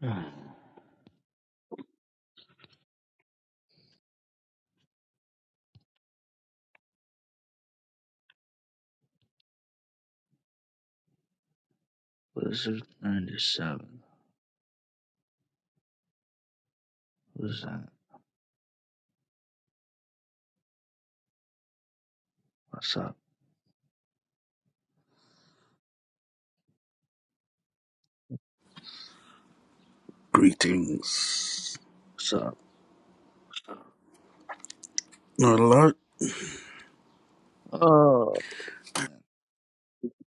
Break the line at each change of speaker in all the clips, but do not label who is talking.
What's this 97? What's that? What's up?
Greetings.
What's up?
Not a lot.
Oh,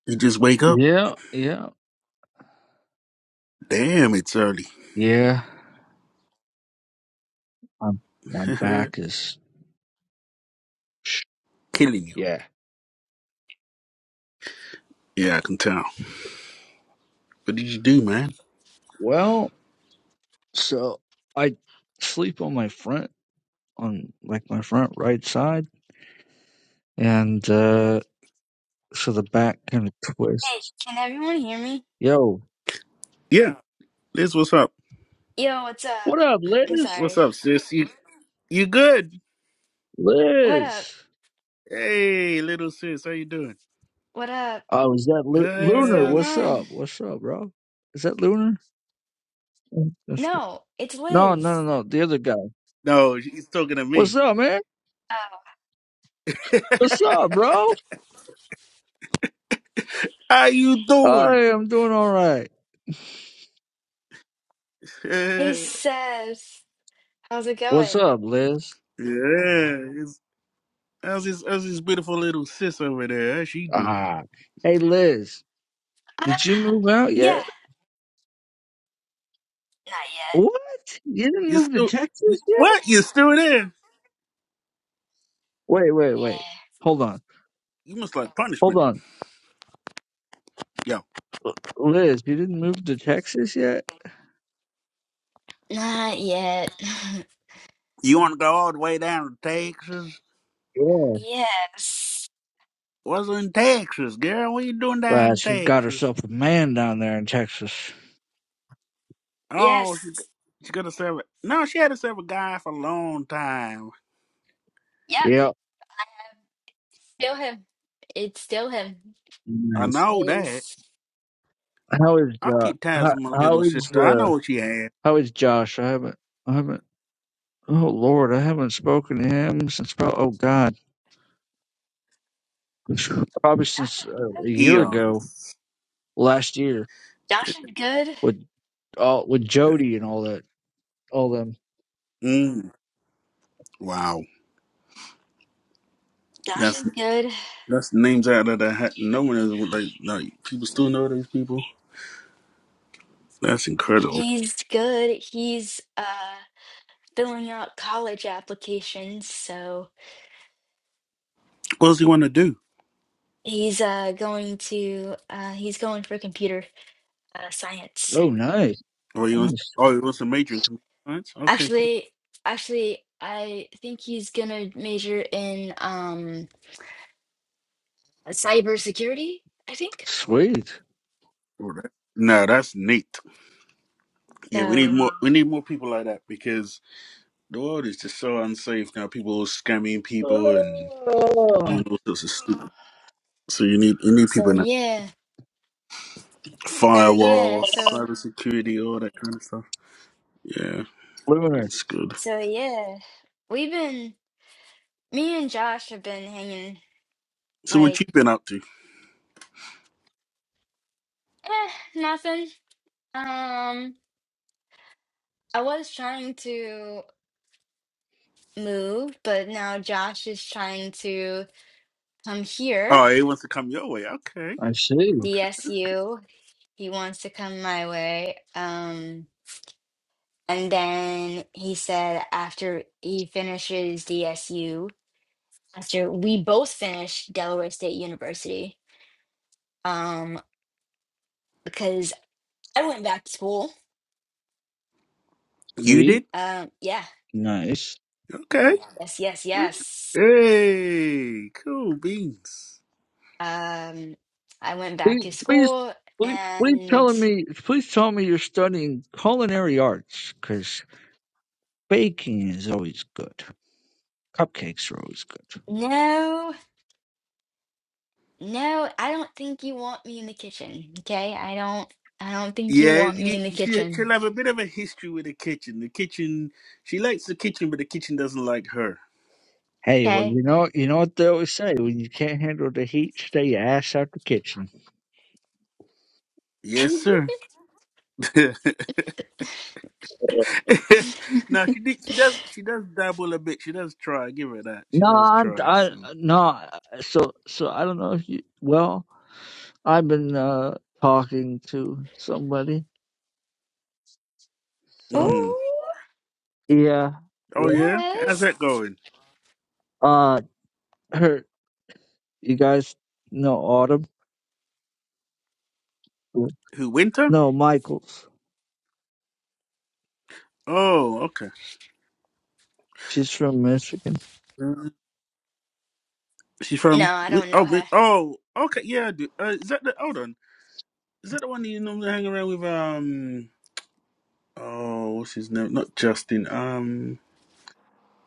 You just wake up?
yeah, yeah,
Damn, it's early.
yeah. My, my
Killing
back is.
you.
Yeah.
Yeah, I can tell. What did you do, man?
Well, so I sleep on my front, on like my front right side, and uh so the back kind of
Hey,
twists.
can everyone hear me?
Yo,
Yeah, Liz, what's up?
Yo, what's up?
what up,
I'm
Liz?
What's
sorry.
up, sis? You, you good?
What up?
Liz.
Hey, little sis, how you doing?
What up?
Oh, is that Lu-
What's
Lunar?
going
Uh,
What's
on?
up? What's up, bro? Is that Lunar? Mm. That's
No, it's
No, no, no,
Liz.
no. The other guy.
no, she's talking to
What's
me.
up, man?
Oh.
What's up, bro?
How you
I
doing?
am doing all right.
Hey,
yeah,
Seth. How's it
What's
going?
up, Liz?
it's, how's this? How's this beautiful little sis over there? How's she doing?
Ah, hey, Liz.
Uh,
Did you move out
yeah.
yet?
Not
What? You didn't
You
move to
still
Texas yet?
what? You still there?
Wait, wait,
yet.
wait.
Yeah.
Hold on,
You must like
hold
punishment.
on,
yo.
Liz. You didn't move to Texas yet?
Not yet.
You want to go all the way down to Texas?
Yeah.
yes.
What's in Texas, girl? What you doing down
Right.
in
She got
Texas?
herself a man down there in Texas.
Oh, she
Yes.
she to serve it. No, she had to serve a guy for a long time.
Yep.
Yep.
Still him. It's still him.
I
Nice.
It
know that.
is.
How is
I
uh?
keep
How,
ties with my
how
little
is
sister. I
uh?
know what she had.
How is Josh? I haven't. I haven't. Oh Lord, I haven't spoken to him since probably oh God, probably
Josh is
since uh, a
good.
year ago,
Eons.
last year
Josh is good.
with all with Jody and all that, all them.
Mm. Wow.
Josh
That's
is good.
that's names out that I had. No one is what they like. People still know these people. That's incredible.
He's good. He's, uh, filling out college applications. So
What does he want to do?
he's uh, going to uh, he's going for computer uh, science.
Oh, nice,
Oh, he wants.
nice.
Oh, he wants a major in computer science. Okay, cool.
Actually, actually, I think he's gonna major in um, cybersecurity. I think
sweet.
Oh, that- No, that's neat. Yeah, we need
so.
more. We need more people like that because the world is just so unsafe now. People are scamming people and
Oh,
doing all sorts of stuff. So you need you need
So
people in that
yeah. So yeah.
firewall,
So
cybersecurity, all that kind of stuff. Yeah,
lunar.
it's good.
so yeah. We've been me and Josh have been hanging
So what
like
you been up to?
eh, nothing. Um, I was trying to. moved, but now Josh is trying to come here,
Oh, he wants to come your way. Okay,
I see.
okay.
DSU. He wants to come my way. Um, and then he said after he finishes DSU, after we both finish Delaware State University, um, because I went back to school.
You
Sweet,
did?
Um, yeah,
nice.
Okay.
yes, yes, yes.
Hey, cool beans.
Um, I went back
Please,
to
please,
school
please, please
and
tell me. Please tell me you're studying culinary arts because baking is always good. Cupcakes are always good.
no. No, I don't think you want me in the kitchen. Okay? I don't I don't think you
Yeah,
want me
you-
in the
she, she'll
kitchen.
have a bit of a history with the kitchen. The kitchen, she likes the kitchen, but the kitchen doesn't like her.
Hey, well,
Okay?
you know, you know what they always say: when you can't handle the heat, stay your ass out the kitchen.
Yes, sir. no, she did, she does she does dabble a bit. She does try. Give her that. She
No,
does
I,
try.
I
So.
no. So, so I don't know if you. Well, I've been uh talking to somebody. So
Mm.
Oh,
yeah,
Oh
yeah.
yeah. How's that
yes.
going?
Uh, her. You guys know Autumn?
Who? Winter?
No, Michaels.
Oh, okay.
She's from Michigan.
Mm. She's
No,
from.
I don't know
Oh,
her.
Vic- oh, okay. Yeah. I do. Uh, is that the? Hold on. Is that the one that you normally hang around with? Um. Oh, what's his name? Not Justin. Um.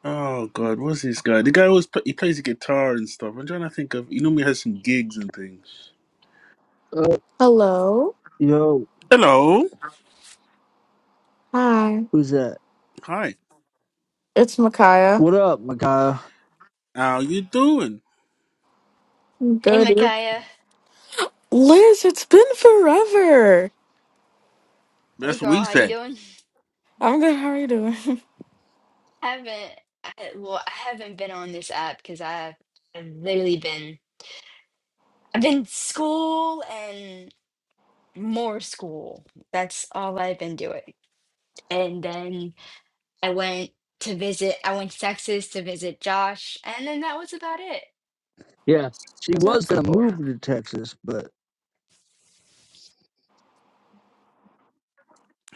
Oh God, what's this guy? The guy who always play, he plays the guitar and stuff. I'm trying to think of. He normally has some gigs and things.
Uh,
Hello.
yo,
Hello.
Hi.
who's that?
Hi.
It's Micaiah.
What up, my guy?
How you doing?
I'm
Hey,
Good.
Micaiah.
Liz, it's been forever.
Hey,
That's what
girl,
we
how you
said.
doing?
I'm good. How are you doing?
I haven't I, well, I haven't been on this app because I've I've literally been I've been school and more school. That's all I've been doing. And then I went to visit, I went to Texas to visit Josh, and then that was about it.
Yeah, she was
That's
gonna
cool.
move to Texas, but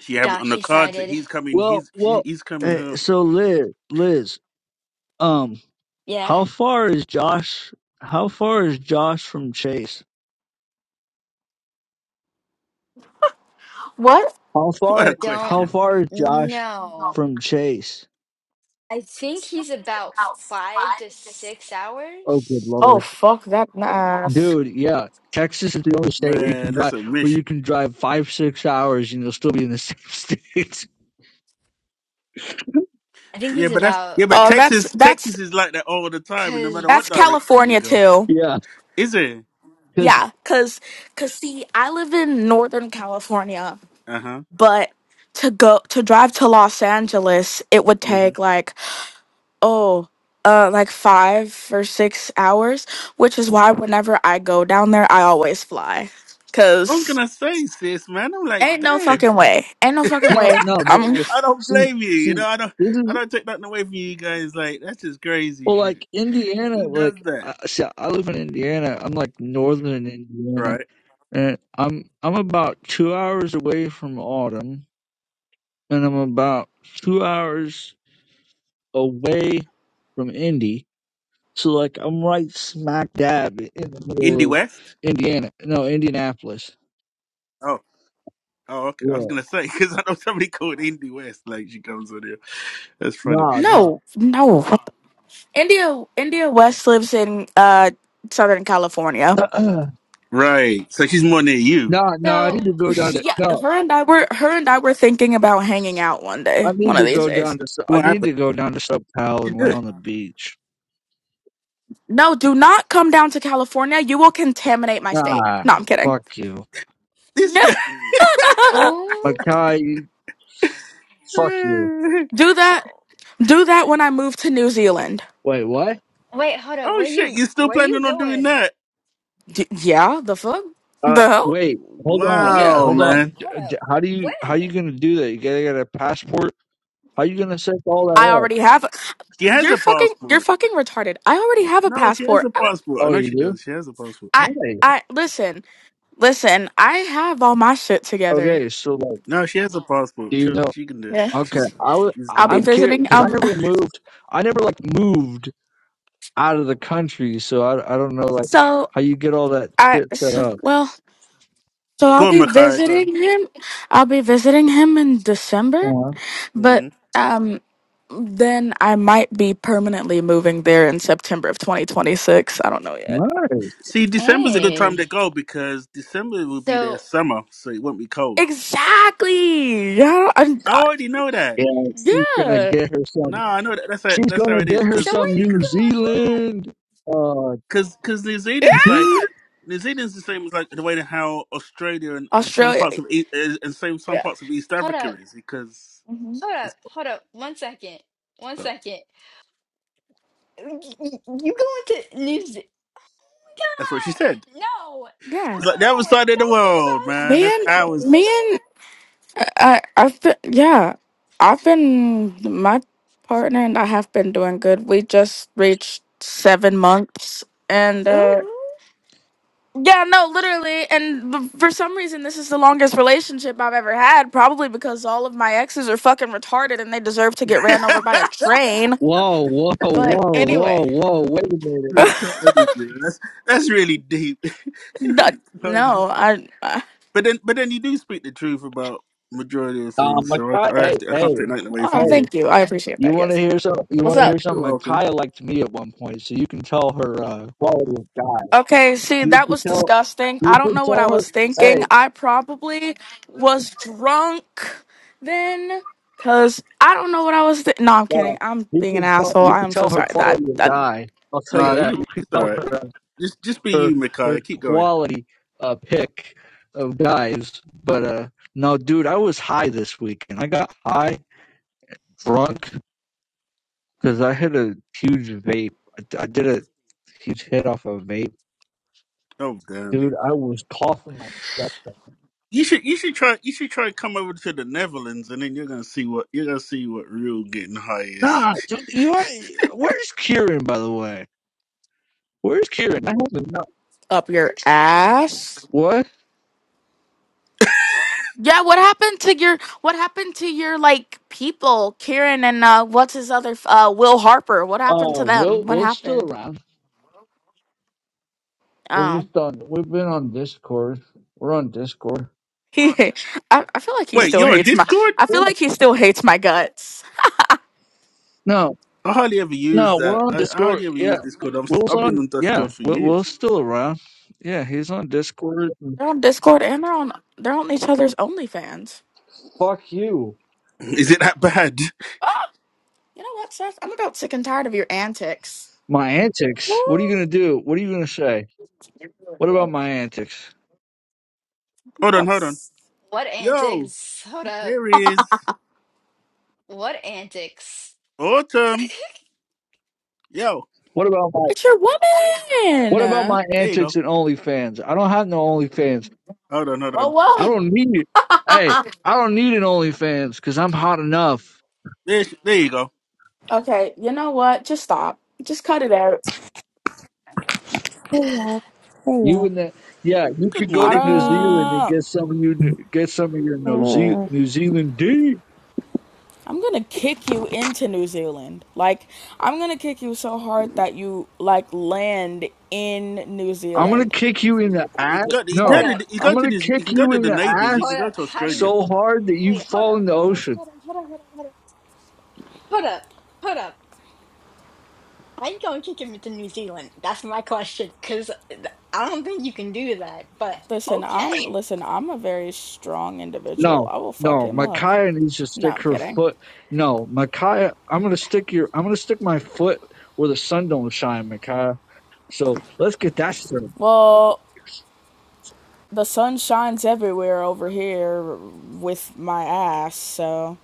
She have on
Josh
the cards that
decided,
he's coming.
Well,
He's he-
well,
he's coming
eh,
home.
so Liz, Liz, um,
yeah,
how far is Josh? How far is Josh from Chase?
What?
How
What a
far?
don't
How
question,
far is Josh
know.
from Chase?
I think he's about five to six
Oh, good
hours.
Oh,
lord,
fuck that ass.
dude, yeah. Texas is the only state where you can
man!
drive
That's a
where
mission.
you can drive five six hours and you'll still be in the same state.
I think
Yeah,
he's
but that's
about,
yeah, but
Oh, that's
Texas
that's
Texas is like that all the time, and no
cause,
matter
that's
what direction you
California
go,
too.
yeah,
is it?
because
Yeah, cause cause see, I live in Northern California,
Uh huh.
but to go to drive to Los Angeles, it would
hmm
take like oh uh like five or six hours which is why whenever i go down there i always fly
I was
because
gonna say, sis, man. I'm like,
ain't no
damn.
fucking way ain't no fucking
no,
way
no, but
i'm
but
I don't
see,
blame you. You
see,
know, I don't.
this
I
is
don't take nothing away from you guys. Like that's just crazy
well,
shit.
like Indiana,
Who does
like
that?
I, see, I live in Indiana. I'm like northern Indiana,
Right?
and I'm I'm about two hours away from Autumn, and I'm about two hours away from Indy. So like I'm right smack dab in the
Indie
middle of
West.
Indiana, no Indianapolis.
Oh. Oh, okay. I was
Yeah,
gonna say because I know somebody called Indie West. Like she comes on here. That's funny.
no, no,
no no india india west lives in uh southern california
no,
Right. So she's more than you.
no. I
so,
need to go down
She,
to
yeah
no.
her and i were her and i were thinking about hanging out one
I
day
need
one
to
of these
go
days
down to Su- I
What
need to
happened?
go down to SoCal
She
and lay
did.
on the beach.
no do not come down to california you will contaminate my state
Ah,
no i'm kidding
fuck you,
This guy.
oh,
Mackay. Fuck you.
do that do that when i move to new zealand
Wait, what?
wait, hold up.
oh
Where
shit!
you,
You still
where you
planning on doing
going?
that?
D- yeah, the fuck?
Uh,
The hell?
wait, hold
Where
on,
you
Yeah.
Wow,
hold
going?
on.
man.
J-
Hold up.
j- How do you how you
When?
gonna do that? You gotta get a passport. How you gonna set all
I
that up?
already have. A-
She has
you're
a
fucking. You're
passport.
fucking retarded. I already have a
No, she has
passport.
a
I.
passport. I
Oh,
know
you
she
do?
does. She has a passport.
I.
Nice.
I listen. Listen. I have all my shit together.
Okay, so like,
No, she has a
do
passport.
you
She
know?
she can do it.
Yeah.
Okay,
She's
I was
she's.
I'll be
Uh...
I'm curious
visiting.
because I
I'll,
never moved. I never like moved out of the country, so I I don't know like
so
how you get all that
I.
shit set
So,
up.
well. So I'll
Go on,
be
Makai. Go on.
visiting him. I'll be visiting him in December.
Uh,
hmm
But um, then I might be permanently moving there in September of 2026. I don't know yet.
nice.
See, December's a good time
Hey.
to go because December will be their
So,
summer, so it won't be cold.
Exactly. Yeah, I'm,
I already know that.
Yeah, she's gonna
Yeah.
get her some.
No, I know that. That's how,
She's
that's how
gonna
it
get
is.
her
so
Because
where
you
some
see,
you
New
'cause
going? Hold up.
Zealand. Uh,
because because New
Yeah.
Zealand's like New Zealand's the same as like the way that how Australia and some
Australia.
parts of E- uh, and same some
Yeah.
parts of East
Hold up.
Africa is because
hmm
Hold up,
it's
hold up, one second, one
uh,
second. Y- y- You going to New Zealand?
that's what she said.
No,
Yeah.
It's like the other
no,
side of the
don't leave
world,
us.
man.
Me
That's
and
Don't
ours.
me
leave
and I I've been yeah. I've been my partner and I have been doing good. We just reached seven months and
us.
uh
Ooh,
yeah, no, literally. And b- for some reason, this is the longest relationship I've ever had. Probably because all of my exes are fucking retarded and they deserve to get ran over by a train.
Whoa, whoa,
But
whoa, whoa,
anyway,
whoa! Wait a minute.
Retarded, you know. That's that's really deep.
no, no,
Retarded.
I, I.
But then but then you do speak the truth about majority of
Uh,
things, so I,
Micaiah,
I
hey,
have to I
hey,
can't take nothing away from
Oh,
you.
hey!
thank you. I appreciate
You
that. Yes.
want to hear some? You
What's
want to
up?
hear something?
You're welcome.
Micaiah liked me at one point, so you can tell her uh, quality of guy.
Okay, see,
You
that
can
was
tell.
disgusting.
You
I don't
can
know what
tell
I
her.
was
Hey,
thinking. I probably was drunk then, cause I don't know what I was. Th- no, I'm
uh,
kidding. I'm
you
being an
can tell.
asshole.
You
I
can
am so
tell her
sorry. That
quality of
that
guy. I'll tell you
Nah,
that.
you
You can
it's all
tell
right.
her uh,
Just just be
her
you,
her
Micaiah. Keep going.
quality uh, pick of guys. But uh, no, dude, I was high this weekend. I got high, drunk. Cause I hit a huge vape. I, I did a huge hit off a vape,
Oh damn.
dude. I was coughing my guts out.
You should you should try you should try to come over to the Netherlands and then you're gonna see what you're gonna see what real getting high is.
Nah, dude, you know, where's Kieran? By the way, where's Kieran? I haven't. No.
up your ass.
What?
Yeah, what happened to your? What happened to your like people, Kieran and uh, what's his other? f- Uh, Will Harper. What happened
Uh,
to
Will,
them? What
Will's still
happened?
around. We're
Oh,
just on. We've been on Discord. We're on Discord.
he. I, I feel like he
Wait,
still
you're on
hates my.
Discord?
I
Yeah.
feel like he still hates my guts.
No,
I hardly ever use
no, we're
that.
on
I, I
Discord.
hardly ever use
Yeah,
Discord. I'm,
Will's
I've been
on.
on Discord
Yeah,
for
Will,
years.
Will's still around. Yeah, he's on Discord.
They're on Discord and they're on they're on each other's OnlyFans.
Fuck you.
Is it that bad?
Oh, you know what, Seth? I'm about sick and tired of your antics.
My antics. What are
ooh.
you gonna do? What are you gonna say? What about my antics?
Hold
Oh,
on, hold on.
s-
What
Yo,
antics? Hold up,
here he is.
what antics?
Autumn. Yo,
What about my
It's your
what about
woman.
my
there you
antics
go.
and OnlyFans? I don't have no OnlyFans.
Hold on, hold
Well,
on.
I
what?
don't need it. Hey, I don't need an OnlyFans because I'm hot enough.
There, sh- there you go.
Okay, you know what? Just stop. Just cut it out.
Hey y'all. Hey
You
y'all.
and that, yeah. You
Good
could go to
morning.
New
Hmm.
Zealand and
Autumn,
get some of you get some of your New, Ze-
Hmm.
New Zealand D.
I'm gonna kick you into New Zealand. Like, I'm gonna kick you so hard that you like land in New
I'm gonna
Zealand.
kick you in the
You
ass.
can
Wait,
go. You can go
Hold
No,
to.
up,
You
I'm
go to
gonna
this. You
kick
can go
you
to
in
the
the
neighbors. You
hold
can
ass
go
up.
to
How do you
Australia.
so hard that you
wait? Hold
fall
up,
in the
hold up,
ocean.
hold up, hold up, hold up, hold up, hold up. Hold up. How you gonna kick him into New Zealand? That's my question. Cause I don't think you can do that. But
Listen, I'm
okay.
listen. I'm a very strong individual.
No,
I will fuck
no,
him up.
Micaiah needs to
No,
stick
I'm
her
kidding.
foot. No, Micaiah, I'm gonna stick your, I'm gonna stick my foot where the sun don't shine, Micaiah. So let's get that straight.
Well, the sun shines everywhere over here with my ass, so.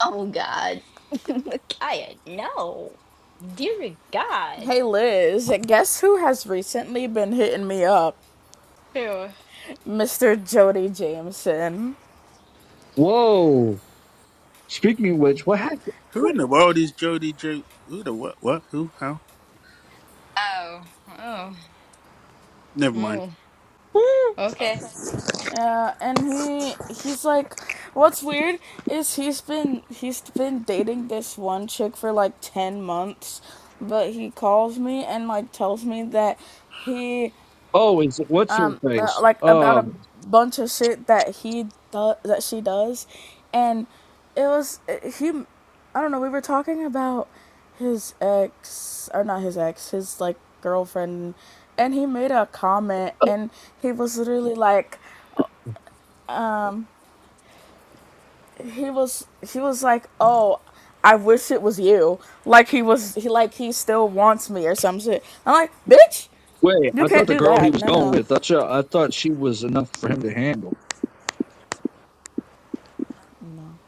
Oh God. Kaya, no. Dear God.
Hey Liz, guess who has recently been hitting me up?
Ew.
Mr. Jody Jameson.
Whoa. Speaking of which, what happened?
Who in the world is Jody? Jo? Who the what? What? Who? How?
Oh. Oh.
Never mind.
Oh.
Hmm.
Okay.
Yeah, and he he's like what's weird is he's been he's been dating this one chick for like 10 months, but he calls me and like tells me that he
Oh, is it, what's her
uh,
face?
like about a
Um,
bunch of shit that he does that she does, and it was he. I don't know. We were talking about his ex or not his ex, his like girlfriend, and he made a comment, and he was literally like, he was he was like, oh. I wish it was you. Like he was, he like he still wants me or some shit. I'm like, bitch,
wait, I
you
thought
can't
the
do
girl he
that.
was
No,
going
no.
with. I thought I thought she was enough for him to handle.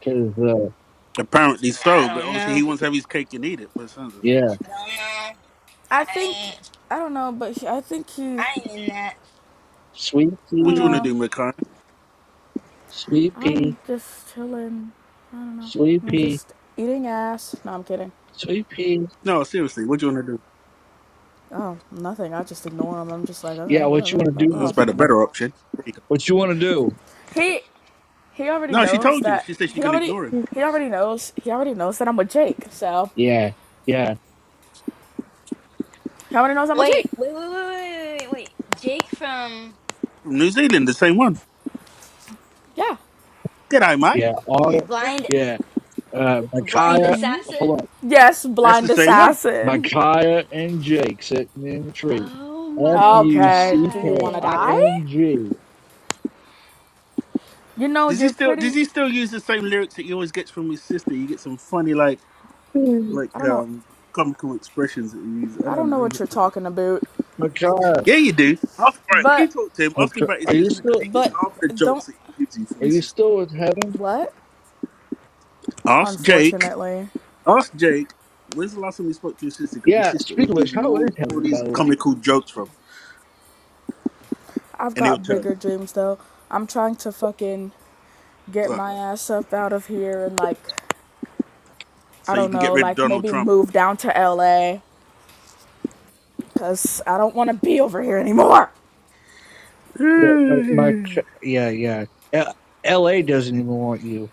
Cause uh,
Apparently so,
I
but
don't
obviously
know.
he wants to have his cake and eat it by the sounds of
yeah,
things.
I don't know.
I think
I ain't
I don't know, but he, I think
I
he.
ain't in that.
sweet
I
What
don't
do you
pea,
want to
know.
do, Mikai?
sweet pea,
I'm just chilling. I don't know.
sweet
I'm
pea,
just eating ass. No, I'm kidding.
sweet pea.
No, seriously, what do you want to do?
Oh, nothing. I just ignore him. I'm just like,
Yeah,
okay,
what you
whatever.
want to do,
Fuck
That's
off.
about a
Micaiah?
better option. There you go.
What you want to do?
He he already
No, she
knows
told you.
that.
She said she
He
can
already
ignore him.
he already knows. He already knows that I'm with Jake. So
Yeah, yeah,
he already knows I'm with
Wait,
Jake.
wait, wait, wait, wait, wait, wait. Jake from
From New Zealand, the same one.
Yeah.
G'day, mate.
yeah. All
Yeah, that one.
Blind
yeah. Uh,
Blind
Micaiah,
Assassin?
hold on.
Yes,
That's the
blind
same one.
assassin.
Micaiah and Jake sitting in the tree.
Oh
F
my
U
Okay.
C
Do
K
you want to
god.
I
die?
N G.
You know
Does he
you're
still does
pretty.
he still use the same lyrics that he always gets from his sister? You get some funny like like
I don't know.
um comical expressions that he uses. I
I
don't
don't
know
know
where he
what
gets
you're
from.
talking about.
Micaiah,
Yeah, you do. Ask, right, when you
But
talk to him, ask him
Micaiah,
about his
are you
sister because
still?
he gets
but
half of the
don't
jokes that he gives you from
Are
his
you
sister.
still with heaven?
what?
Ask Jake
Unfortunately.
Ask Jake, when's the last time we spoke to his sister? Because his
Yeah.
sister always
Speaking of which,
gives him
how
all,
is
all
heaven by
these
the way?
comical jokes from,
I've
and he'll
got
tell you.
bigger dreams though. I'm trying to fucking get
Like,
my ass up out of here and like I
so you
don't
can get
know,
rid of
like
Donald
maybe
Trump.
move down to LA cuz I don't want to be over here anymore.
uh
Yeah, my, my, yeah, yeah. L- L.A. doesn't even want you.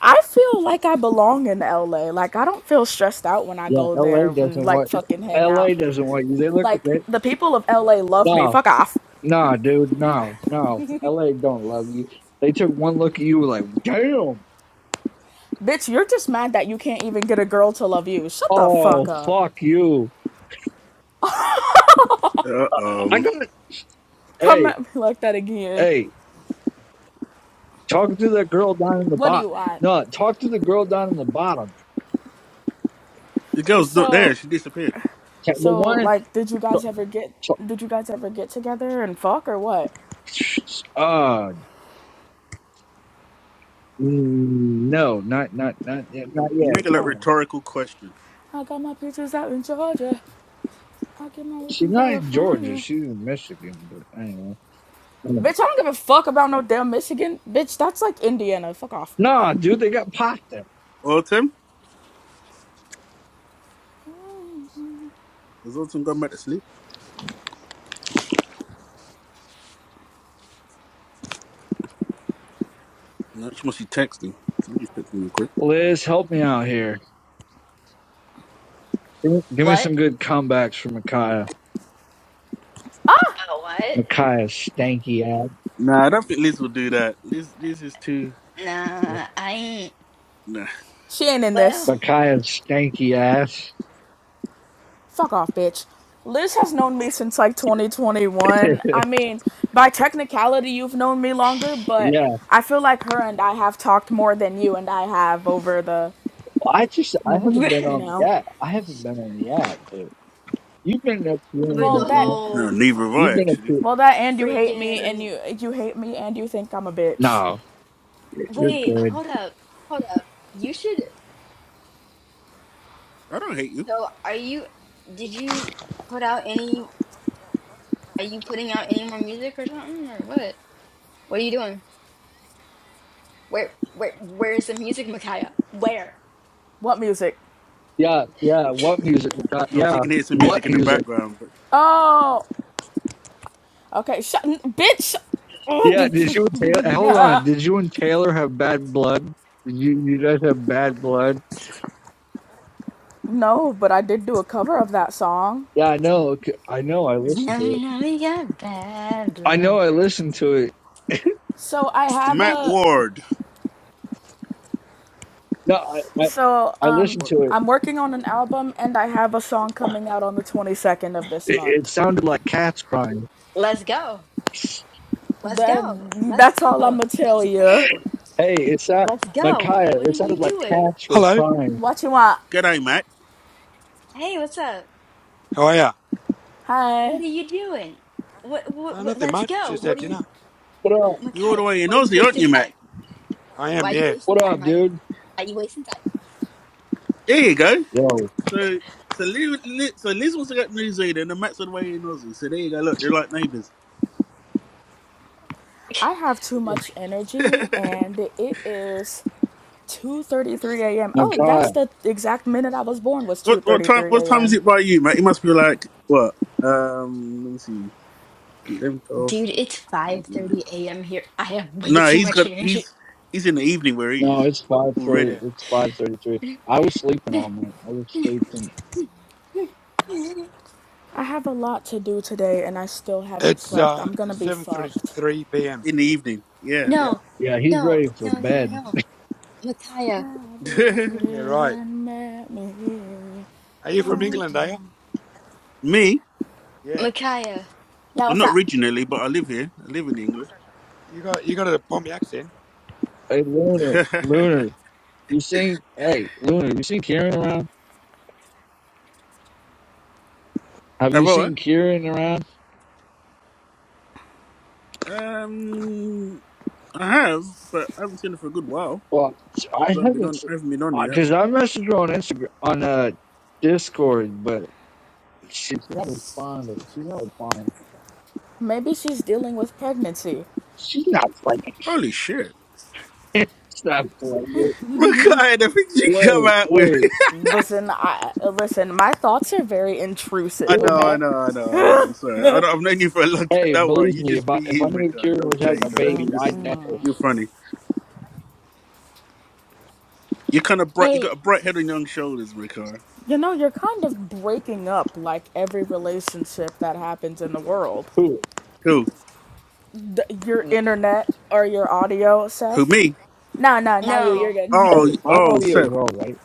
I feel like I belong in LA. Like I don't feel stressed out when I
Yeah,
go
L.A.
there and
doesn't
like
want.
fucking hang out.
L.A. doesn't want you. They look at
Like
that.
the people of LA love me. Fuck off.
Nah, dude, no, no. LA don't love you. They took one look at you like, damn.
Bitch, you're just mad that you can't even get a girl to love you. Shut the
Oh,
fuck up.
fuck you. I
oh,
got
Come
hey,
at me like that again.
hey, talk to that girl down in the
What do
bot.
you want?
No, talk to the girl down in the bottom.
the girl's not
So
there. She disappeared.
Ta- The
So,
one
like, did you
t-
guys ever get
t-
did you guys ever get together and fuck or what?
uh mm, no, not not not yet- not
Um,
yet.
Make a like
No.
rhetorical question.
I got my pictures out in Georgia. I get my weed
She's
in
not in Georgia,
California.
she's in Michigan, but anyway.
Bitch, I don't give a fuck about no damn Michigan. Bitch, that's like Indiana. Fuck off.
Nah, dude, they got popped there.
Autumn has Autumn gone back to sleep? No, she must be texting. Somebody's texting real quick.
Liz, help me out here. Give me, give me
What?
some good comebacks from Micaiah.
Oh what?
Micaiah's stanky ass.
Nah, I don't think Liz will do that. Liz, Liz is too.
Nah, I ain't
Nah,
She ain't in
well
this.
Micaiah's stanky ass.
Fuck off, bitch. Liz has known me since like 2021.
yeah,
I mean, by technicality, you've known me longer, but
well,
I feel like her and I have talked more than you and I have over the,
I just I
over
haven't been
you
on
know.
the app. I haven't been on the app, but you've been up here and
Well,
the
that.
around.
no,
whole
neither have
You've
I
been up
actually.
here.
Well, that and you hate me, and
freaking
you you hate me, and you think I'm a bitch.
No, you're
Wait,
good.
hold up, hold up. You should.
I don't hate you.
So, are you? Did you put out any? Are you putting out any more music or something, or what? What are you doing? Where, where, where is the music, Micaiah? Where?
What music?
Yeah, yeah. What music? Mica-
No, she
Yeah,
can hear some
I,
what
music
I-
in the
music?
background, but
Oh, okay. Shut, bitch. Oh,
Yeah. Did you and Taylor? hey, Hold on. Did you and Taylor have bad blood? Did you you guys have bad blood?
no, but I did do a cover of that song.
Yeah, I know. c- I know. I
Cause now
listened to
we
it.
know we got bad
I
blood.
know. I listened to it.
So I
Used to
have
Matt
be-
a
Ward.
No, I
so
I, I
um
listened
What?
to it.
I'm working on an album, and I have a song coming out on the 22nd of this
It, it
month.
sounded like cats crying.
Let's go. Let's
That
go. Let's
that's all
go.
I'ma tell
Let's
you.
go.
Hey, it's that
Let's go.
Micaiah.
What
It
are you
sounded like
doing?
cats were
Hello,
crying.
What you want?
G'day, Matt.
Hey, what's up?
how are you?
What
Hi.
are you doing? What? What?
Uh,
what
nothing
let's
much,
go.
just had
What are you,
dinner.
What up?
You all the
Micaiah?
way in
What are you
Aussie, aren't
wasting
you,
time?
Matt?
I am,
Why are you
yeah,
wasting
What
time,
up,
honey?
dude?
Why are you wasting time?
There you go.
Yo,
So, so Liz, Liz, so Liz wants to go to New Zealand, and Matt's all the way in Aussie. So there you go. Look, they're like neighbours.
I have too much energy, and it is 2:33 a.m. Oh,
Micaiah.
that's the exact minute I was born was
what what time? What
2:33
time is
a.m.
it by you, Matt? It must be like what? Um, let me see. Eleven, twelve.
Dude, it's 5:30 a.m. here. I have way
No,
too
he's
much
got.
energy.
He's he's in the evening where he
No,
is
it's five thirty.
yeah.
already.
It's five thirty-three. I was sleeping all night. I was sleeping.
I have a lot to do today and I still haven't
It's
slept.
uh
I'm going to be
seven
fucked.
thirty-three p.m.
In the evening, yeah.
Yeah,
No,
Yeah, he's
no,
ready for
no, no,
bed.
no. Micaiah,
what
Never
yeah, right.
even met me.
Are you from
did you do?
I
England? Are you?
can
me?
Yeah.
Micaiah.
Yeah,
Well,
what's
not
up?
originally, but I live here. I live in England.
You got you got a Pommy accent.
Hey, Lunar,
Have
Lunar, you seen? Hey, Lunar, you seen Kieran around? Have you
I?
seen Kieran around?
Um, I have, but I haven't seen it for a good while
Well, I
because I've been
haven't,
on.
se-
I haven't been on
uh,
yet.
cause I messaged her on Instagram on uh Discord, but she's not responded. She's not responding.
Maybe she's dealing with pregnancy.
She's not playing.
Holy shit!
She's not playing.
Look at the things you come
Wait,
out with.
wait.
Listen, I listen, my thoughts are very
I
It
intrusive,
know,
would,
I
okay?
know, I know, I know. Sorry, I don't, I've known you for a long time.
hey,
Don't worry,
believe
you
me, if
just
I,
be
if I
you,
knew
Ricardo.
Kieran
Don't
was having a
change, right?
baby,
Just
I'd know.
you're funny. You're kind of bright. You
Hey,
got a bright head on young shoulders, Ricardo.
You know, you're kind of breaking up like every relationship that happens in the world.
Who?
Who?
the, your
y-
internet or your audio,
Who?
Seth?
Me?
No, no, not you.
no,
You're good. No.
Oh,
Hey,
y-
my
oh,
audio is
Seth.
all right.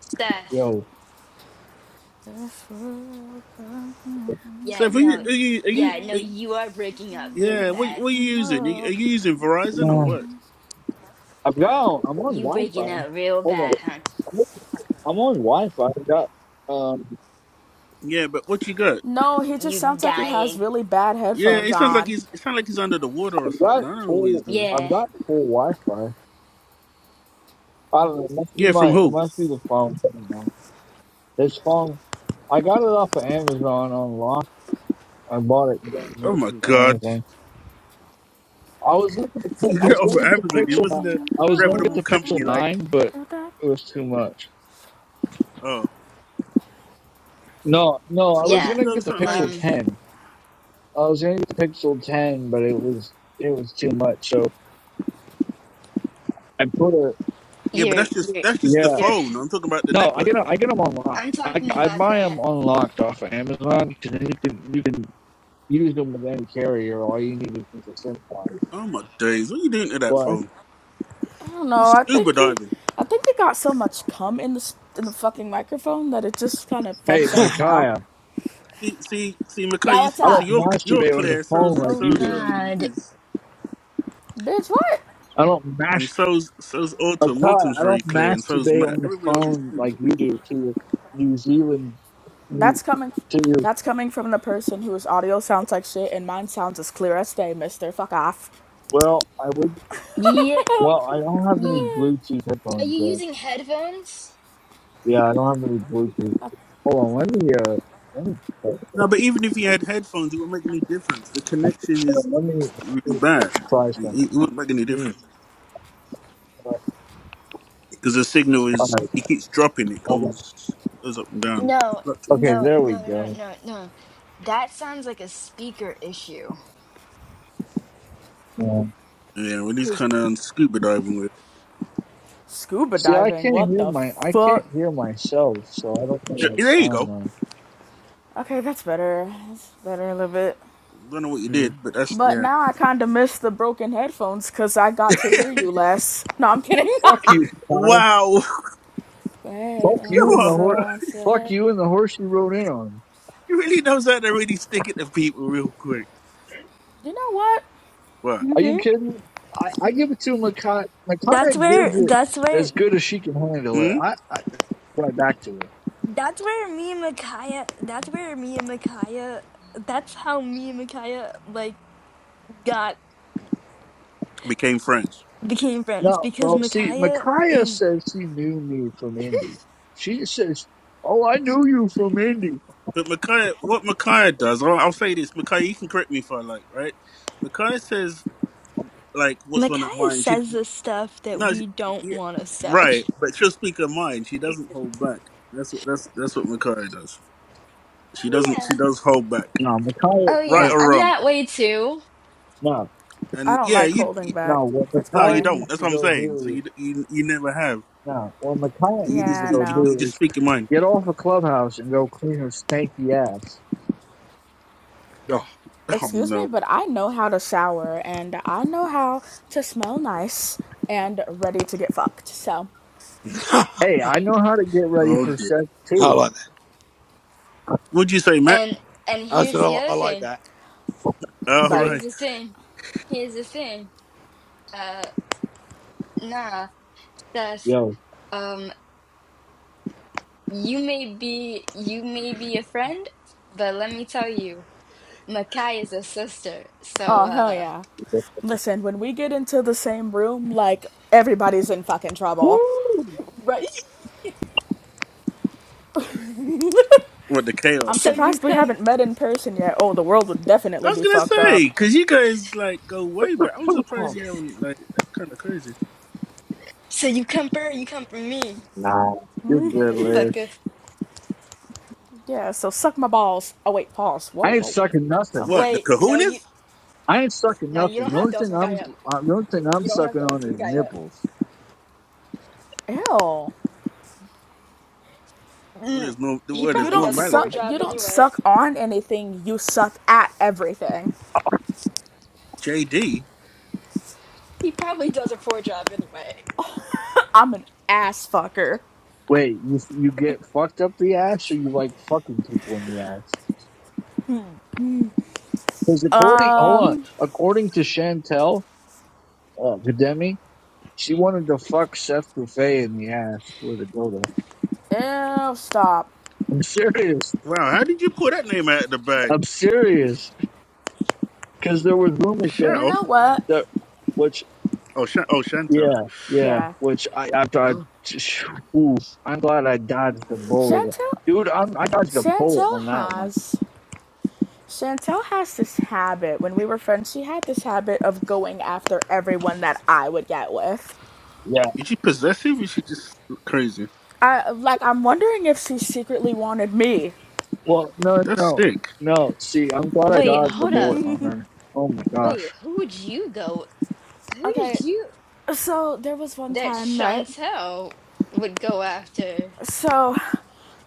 Steph.
Yo,
Yeah,
Seth, are you?
no,
Are you? Are you?
yeah, no,
Are you
you are breaking up really
yeah. What?
bad.
What are you using? Are you, are you using Verizon or
uh,
what?
I've got, I'm on
You breaking
Wi-Fi.
up real
Hold on.
bad, huh?
I'm on, I'm on Wi-Fi. I've got, um,
Yeah, but what you got?
No, he just
You
sounds like he has
dying.
really bad
Yeah,
headphones
it sounds like
on.
he's it sounds like he's under the water or
I've
something.
got
I don't know what he's
full,
doing.
I've
Yeah,
got full Wi-Fi. I don't know. It must be
Yeah, from
my, it
who?
must be the phone. I don't know. This phone, I got it off of Amazon on lock. I bought it on
Oh my god.
Amazon. I was looking to,
From
Would
I was
you
going
over
to get the
Amazon. It
Pixel.
ever
wasn't
ni-
a
think
I was going to get
reputable
the Pixel
company
coming
like
Nine, but
to that-
it was too much.
oh.
No, no, I
So why
was
didn't
yeah.
you
gonna
go to
get the
something
Pixel
like
Um,
Ten. I was gonna get the Pixel Ten, but it was it was too much. So I put a
Yeah, but
you're,
that's just
you're,
that's just
yeah.
the
you're,
phone. I'm talking about the
No, I
network
get 'em-
though.
I get them on lock.
I'm
I
talking
I
about the,
buy
he-
them unlocked off of Amazon because then you can you can use them with any carrier. All you need is a SIM card.
Oh my days, what are you doing to that
What?
phone?
I don't
you
know. I
scuba
think he,
diving.
I think he got so much cum in the s- in the fucking microphone that it just kind of
Hey,
fucks up now.
Micaiah,
See see see
Yeah,
Makai, you
what's
I
see, see
don't
up,
you're you're
masturbate on the
clear,
phone
so's
like
oh
you
so's
do.
um
God.
is
bitch? What?
I don't masturbate.
and so's so's
Oh,
Autumn.
God,
Autumn's
I
very
don't
clear and so's
masturbate
Matt.
on the
Everybody else is
phone
clear,
like you do to your New Zealand, to
That's coming.
your,
That's coming from the person whose audio sounds like shit and mine sounds as clear as day, mister. Fuck off.
well, I would,
Yeah,
well, I don't have any
ye
Bluetooth
Are
headphones
you
though.
using headphones?
Yeah, I don't have any Bluetooth. Hold on, let me, uh, let me,
No, but even if he had headphones, it wouldn't make any difference. The connection is
let me
really bad.
try something.
It, it wouldn't make any difference
mm,
All
because the signal is
right,
it keeps dropping. It
hold on.
goes goes up and down,
No,
fluctuates.
Okay,
no,
there we
no, no, no,
go.
no, no. That sounds like a speaker issue.
Yeah.
Yeah, well, he's
'Cause-
kind of scuba diving with
Scuba
See, I
diving,
can't
what
hear
the
my, I can't
fuck?
hear myself, so I don't know
it.
what I
Yeah, There you
sound
go.
like.
Okay, that's better. That's better a little bit.
Don't know what you
mm.
did, but that's
But
yeah.
now I kinda miss the broken headphones cause I got to hear you less. No, I'm kidding.
Fuck you, Kyle.
Wow,
Bed
Fuck
on
come
you
the
and the
on,
horse,
God,
fuck
sunset.
you and the horse you rode in on.
he really knows how to really stick it to people real quick.
You know what?
What?
Are you
Mm-hmm.
kidding? I, I give it to Makai. Makai
That's
gives
where
it
that's where
as good as she can handle it.
Hmm?
I, I right back to her.
that's where me and Micaiah that's where me and Micaiah that's how me and Micaiah like got
Became friends.
became friends
No,
because
well, see,
Micaiah
Micaiah
is
says she knew me from Indy. She says, "Oh, I knew you from Indy."
But Micaiah, what Micaiah does, I'll, I'll say this, Micaiah, you can correct me if I like, right? Micaiah says like what's on her
Micaiah
mind. She
says the stuff that
no, she,
we don't
yeah,
want to say.
right, but she'll speak her mind. She doesn't hold back. That's what that's that's what Makari does. She
Oh
doesn't. She
yeah.
does hold back,
No, Micaiah,
Oh
Ma-
right
yeah.
or
I'm
wrong.
that way too.
no,
I
And
don't
yeah,
like
you,
holding
you
back.
no. What
That's
no, you
Micaiah
boring.
don't.
needs
That's
to
what I'm
go
saying. So
do,
you you you never have.
no, what Micaiah
So you
needs
just
to
Yeah,
go
speak.
no.
You
do
just
is
speak your mind.
get off a clubhouse and go clean her stanky ass.
Oh.
Oh
excuse me,
no.
but I know how to shower and I know how to smell nice and ready to get fucked. So,
Hey, I know how to get ready
Oh
for
dear.
sex
I
too.
like that.
What'd you say, Matt?
And and
I said
here's
I,
the
li- I
other
like
thing.
that.
All
Here's
right.
like,
the thing. Here's the thing. Uh, nah, Seth.
Yo,
Um, you may be you may be a friend, but let me tell you, Makai is a sister. So,
oh, hell
uh,
yeah. Listen, when we get into the same room, like, everybody's in fucking trouble.
woo!
right.
What the
I'm
chaos
So
room?
you
surprised we
come.
haven't met in person yet. Oh, the world would
I
definitely
was
be
gonna
fucked up.
say because you guys like go way back. I'm surprised you haven't like. That's kind of crazy.
So you come for you come for me,
Nah, you're good, Liz.
motherfucker.
Yeah, so suck my balls. Oh, wait, pause. Whoa,
I ain't
whoa.
sucking
Hell.
nothing.
What the
Wait, no, you
Kahunas?
I ain't sucking
no, you
nothing.
don't
The
have
only
those
thing I'm
Makai up.
uh, the only thing I'm
You don't have
sucking
those
on is
Makai up.
nipples.
Ew.
What
Mm,
is no?
he
What
You
is
probably
don't
does a poor
normality?
suck. You
job
don't
anyway.
suck on anything. You suck at everything.
JD.
He probably does a poor job anyway.
I'm an ass fucker.
Wait, you you get fucked up the ass, or you like fucking people in the ass? Because according, hold on,
Um,
according to Chantel uh, Gademi, she wanted to fuck Seth Buffet in the ass with a dildo.
ew, stop.
I'm serious.
Wow, how did you pull that name out of the bag,
I'm serious. Because there was rumors going
You
Michelle?
know what?
that which
Oh, Sh- oh, Chantel.
Yeah, yeah.
Yeah.
Which I after I,
Oh,
oof, I'm glad I dodged the bullet,
Chantel,
dude. I'm I dodged a bullet
Chantel
on that one.
has, Chantel has this habit. When we were friends, she had this habit of going after everyone that I would get with.
Yeah.
is she possessive? Or is she just crazy?
I, like, I'm wondering if she secretly wanted me.
Well, no,
That's
no,
sick.
no. See, I'm glad I
Wait,
dodged the
hold up.
bullet on her. Oh my
Wait,
gosh,
who would you go? Who did
Okay,
you
so there was one
that
time, right?
Chantel would go after?
So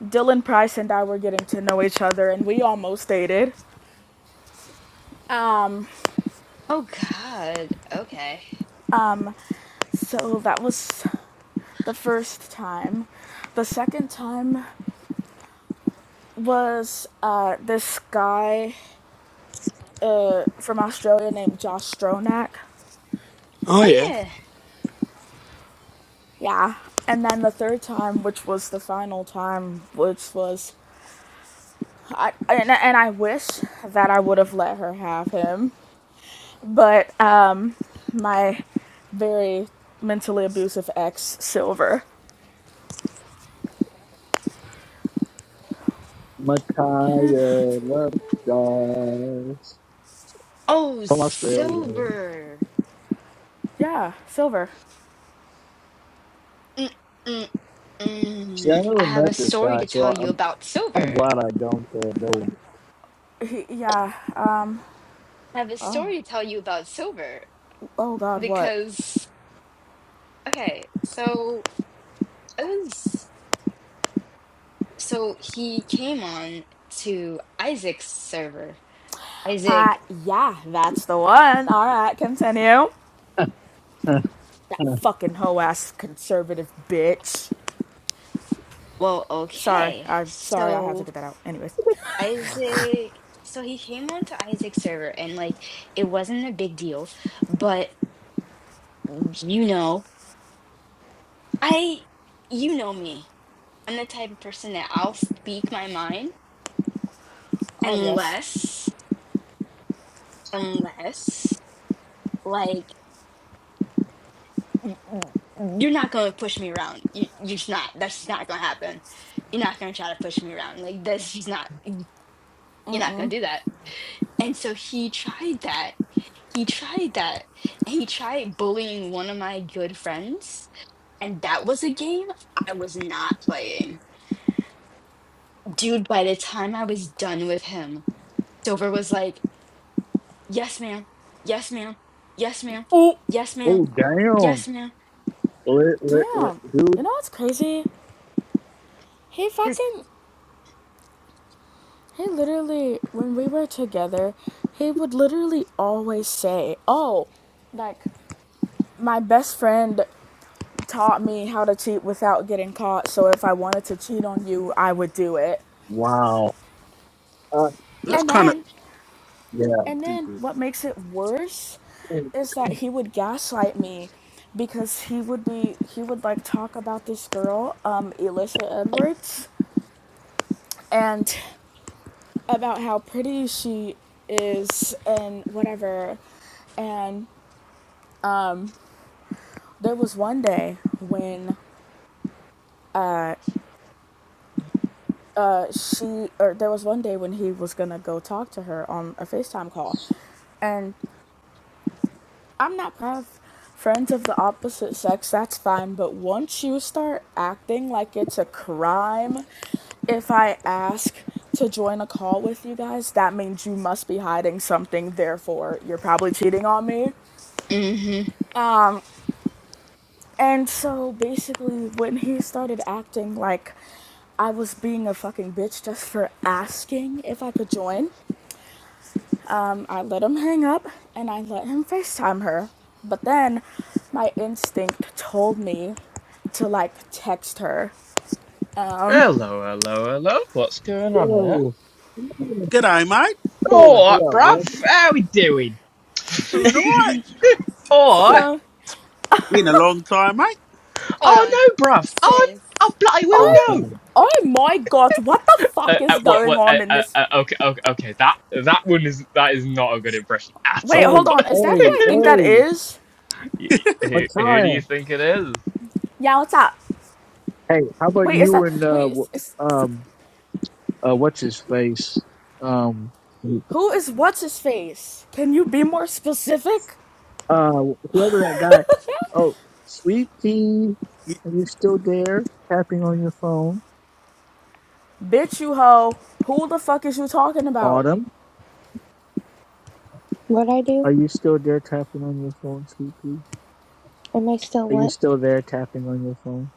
Dylan Price and I were getting to know each other and we almost dated. Um,
Oh God. Okay.
um, so that was the first time. The second time was uh, this guy uh, from Australia named Josh Stronach.
Oh yeah.
Oh yeah.
Yeah. And then the third time, which was the final time, which was, I, and, and I wish that I would have let her have him, but um, my very mentally abusive ex, Silver.
Micaiah love guys
Oh,
from Australia.
Silver.
yeah, Silver.
Mm, mm,
See, I
mm. I
never
have a
met this
story
guy,
to
so
tell you
I'm
about
kind of
Silver.
glad I don't throw a bullet.
He, yeah. Um,
I have a
oh,
story to tell you about Silver
oh God, what?
because okay, so it was so he came on to Isaac's server.
Uh,
Isaac,
yeah, that's the one. All right, continue. That fucking hoe ass conservative bitch.
well,
Sorry,
okay.
I'm sorry, I had
so
to get that out. Anyways.
Isaac, so he came onto Isaac's server and like it wasn't a big deal, but you know, I you know me. I'm the type of person that I'll speak my mind
Oh, yes.
unless unless like y- y- you're not going to push me around. You you're just not. That's just not going to happen. You're not going to try to push me around. Like that's just not you're not going to do that. And so he tried that. He tried that. He tried bullying one of my good friends. And that was a game I was not playing. Dude, by the time I was done with him, Silver was like, Yes, ma'am. Yes, ma'am. Yes, ma'am.
Oh,
Yes, ma'am.
oh damn,
Yes, ma'am.
lit, lit, lit,
damn. You
dude.
know what's crazy? He
Because,
fucking, he literally, when we were together, he would literally always say, oh, like, my best friend taught me how to cheat without getting caught, so if I wanted to cheat on you, I would do it.
Wow. Uh,
That's
And
kind of
then
yeah.
And then
stupid.
what makes it worse is that he would gaslight me because he would be he would like talk about this girl, um Elisha Edwards and about how pretty she is and whatever. And there was one day when uh, uh she or there was one day when he was going to go talk to her on a FaceTime call. And I'm not proud of friends of the opposite sex, that's fine, but once you start acting like it's a crime if I ask to join a call with you guys, that means you must be hiding something, therefore, you're probably cheating on me.
mm-hmm.
And so basically, when he started acting like I was being a fucking bitch just for asking if I could join. Um, I let him hang up and I let him FaceTime her. But then my instinct told me to like text her. Um,
Hello, hello, hello. What's going
Yo,
on here?
G'day, mate.
what up,
Alright,
what up?
bruv. How we doing?
Doing all right.
Hey,
Alright.
hey,
so
Been a long time, mate.
Hold on.
Oh no, bruv. Oh, oh
Sis.
bloody will
i
no.
oh my god, what the
Uh,
fuck is
uh, what?
going
What? Uh,
on in
uh,
this?
uh, okay, okay, okay. That that one is that is not a good impression at
Wait,
all.
hold
But
on.
hey,
Is that who I think that is?
y- who, who
Mattia.
do you think it is?
Yeah, what's up?
Hey, how about
Wait, is
you
that,
and uh,
wait,
w-
is, is,
um, uh, what's his face? Um,
who is what's his face? Can you be more specific?
uh, whoever that guy. Oh, Sweet Pea,
Y-
are you still there? Tapping on your phone.
Bitch, you hoe. Who the fuck is you talking about?
Autumn,
What I do?
are you still there? Tapping on your phone, Sweet Pea.
Am I still
Are you
what?
still there? Tapping on your phone.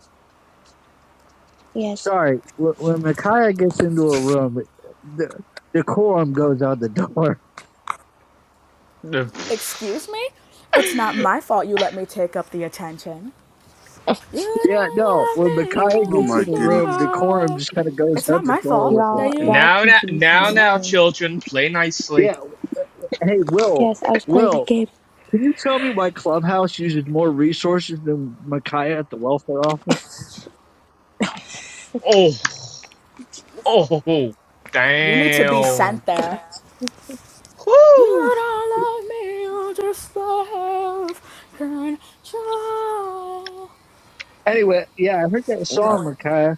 Yes.
Sorry, when when Micaiah gets into a room, the decorum goes out the door.
Uh, pff.
Excuse me? It's not my fault you let me take up the attention. You
Yeah,
don't
no,
love
when
me,
Micaiah
you
Oh
gets in
my
just
the room,
goodness.
decorum
love.
just kind of goes
It's
out
not
the
my
door
fault
with it.
that
Y'all
you.
y'all
now, now,
confuse me,
now,
It's not.
now,
okay?
children, play nicely.
Yeah, hey, Will,
Yes, I was playing a
Will,
game.
can you tell me why Clubhouse uses more resources than Micaiah at the welfare office?
Oh, oh,
You need to be
damn.
sent there. You
Whoo!
don't love me, you just love control.
Anyway, yeah, I heard that song, Micaiah.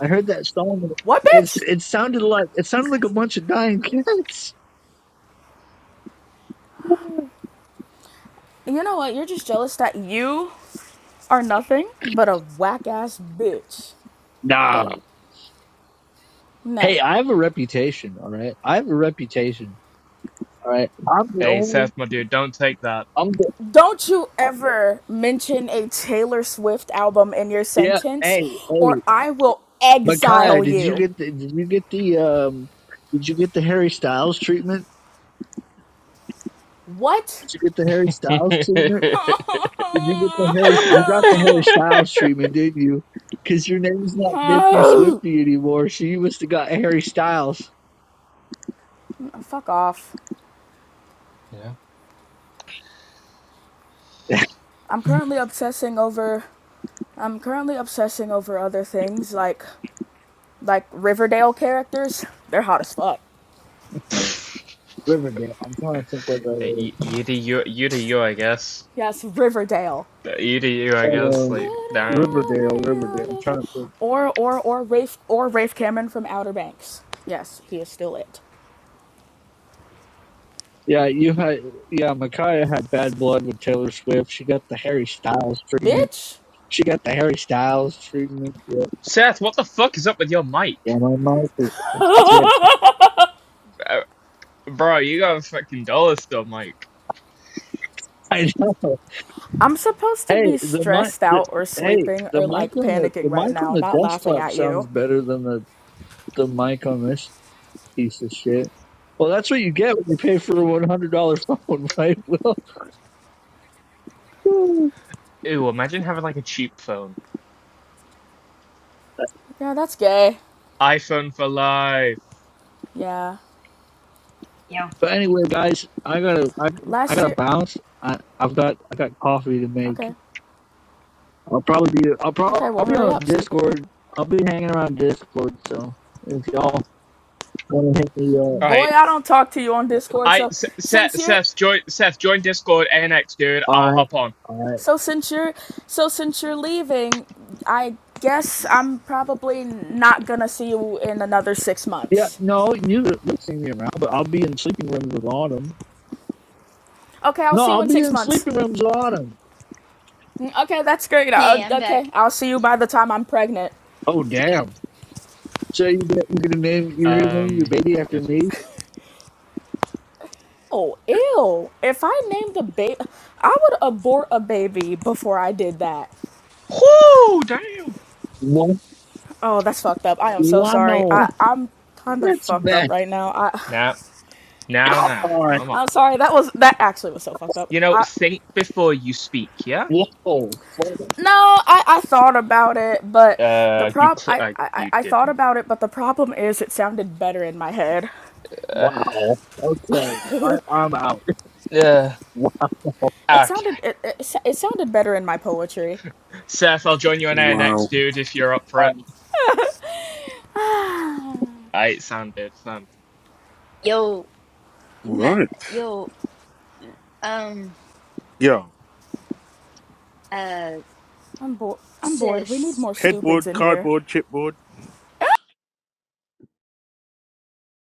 I heard that song.
What,
It's
bitch?
it sounded like it sounded like a bunch of dying cats.
You know what? You're just jealous that you are nothing but a whack ass bitch.
Nah.
Okay? No.
Hey, I have a reputation, all right? I have a reputation. All right. I'm the
Hey, Seth,
only.
my dude, don't take that.
I'm the.
Don't you ever mention a Taylor Swift album in your
Yeah.
sentence,
Hey.
or
Hey.
I will
Micaiah,
exile
did you
you.
get the? Did you get the? Um. Did you get the Harry Styles treatment?
What?
Did you get the Harry Styles
Yeah,
treatment?
Fuck
Did you get the Harry? You got the Harry Styles treatment, didn't you? Because your name's not Nifty Swifty anymore, so you must have got Harry Styles.
off. I'm currently obsessing over. I'm currently obsessing over other things like like Riverdale characters. They're hot as fuck.
Uh,
Riverdale. I'm trying to think what that
y- You do you, you do you, I guess.
Yes, Riverdale.
Uh, You do you, I
is.
guess. Like,
Um.
damn.
Riverdale. Riverdale. I'm trying to think.
Or or or Rafe or Rafe Cameron from Outer Banks. Yes, he is still it.
Yeah, you had yeah, Micaiah had bad blood with Taylor Swift. She got the Harry Styles treatment.
Bitch,
She got the Harry Styles treatment. Yeah,
Seth, what the fuck is up with your mic?
yeah my mom. yes.
Uh, Bro, you got a fucking dollar store mic.
I know.
I'm supposed to
Hey,
be
the mic.
stressed
The,
out or
hey,
sleeping
the
or
mic
like
on the
panicking
the
right
mic on
now,
the
not laughing
desktop
at you.
sounds better than the the mic on this piece of shit. Well, that's what you get when you pay for a one hundred dollar phone, right? Well,
Ew, imagine having like a cheap phone.
Yeah, that's gay.
iPhone for life.
Yeah.
Yo,
but anyway, guys, I gotta I, I
Last
gotta
year.
bounce. I I've got I got coffee to make.
Okay.
I'll probably be I'll probably
Okay,
I'll
well,
be
hurry
on
up, stupid.
Discord. I'll be hanging around Discord. So if y'all want to hit me up.
Boy,
Alright.
I don't talk to you on Discord,
I
so
S- Seth
since you're.
Seth join Seth join Discord ANX dude.
All
I'll
right,
hop on.
all right.
So since you're so since you're leaving, I guess I'm probably not gonna see you in another six
Yeah,
months.
no, you look see me around, but I'll be in sleeping rooms with Autumn.
Okay, I'll
No,
see you
I'll
in
be
six
in
months.
sleeping rooms with Autumn.
Mm, Okay, that's great. Uh,
Hey, I'm
okay,
back.
I'll see you by the time I'm pregnant.
Oh damn! So you get, you're gonna name you're gonna name your
Um
baby after
this.
me?
Oh, ew. If I named a baby, I would abort a baby before I did that.
Whoo, damn.
Wha-
Oh, that's fucked up. I am so sorry. I,
Wow,
I'm kind of
that's
fucked up
bad.
right now. I,
Now now now.
All right.
Come on.
I'm sorry. That was, that actually was so fucked up.
You know,
I,
think before you speak, yeah?
Whoa.
no, I, I thought about it, but the
Uh, you
prop,
cl-
I,
uh,
I, I
you
I thought
didn't.
about it, but the problem is it sounded better in my head.
Uh,
Wow. Okay. I, I'm out.
uh,
Wow. All
It
okay.
sounded, it, it, it sounded better in my poetry.
Seth, I'll join you on ANX,
Wow.
dude, if you're up for
right.
it. I it sounded, sounded.
Yo, ma-
Right.
yo, um,
Yo,
uh,
I'm bored. I'm bored. We need
sis.
more stupids
headboard,
in here.
cardboard, chipboard.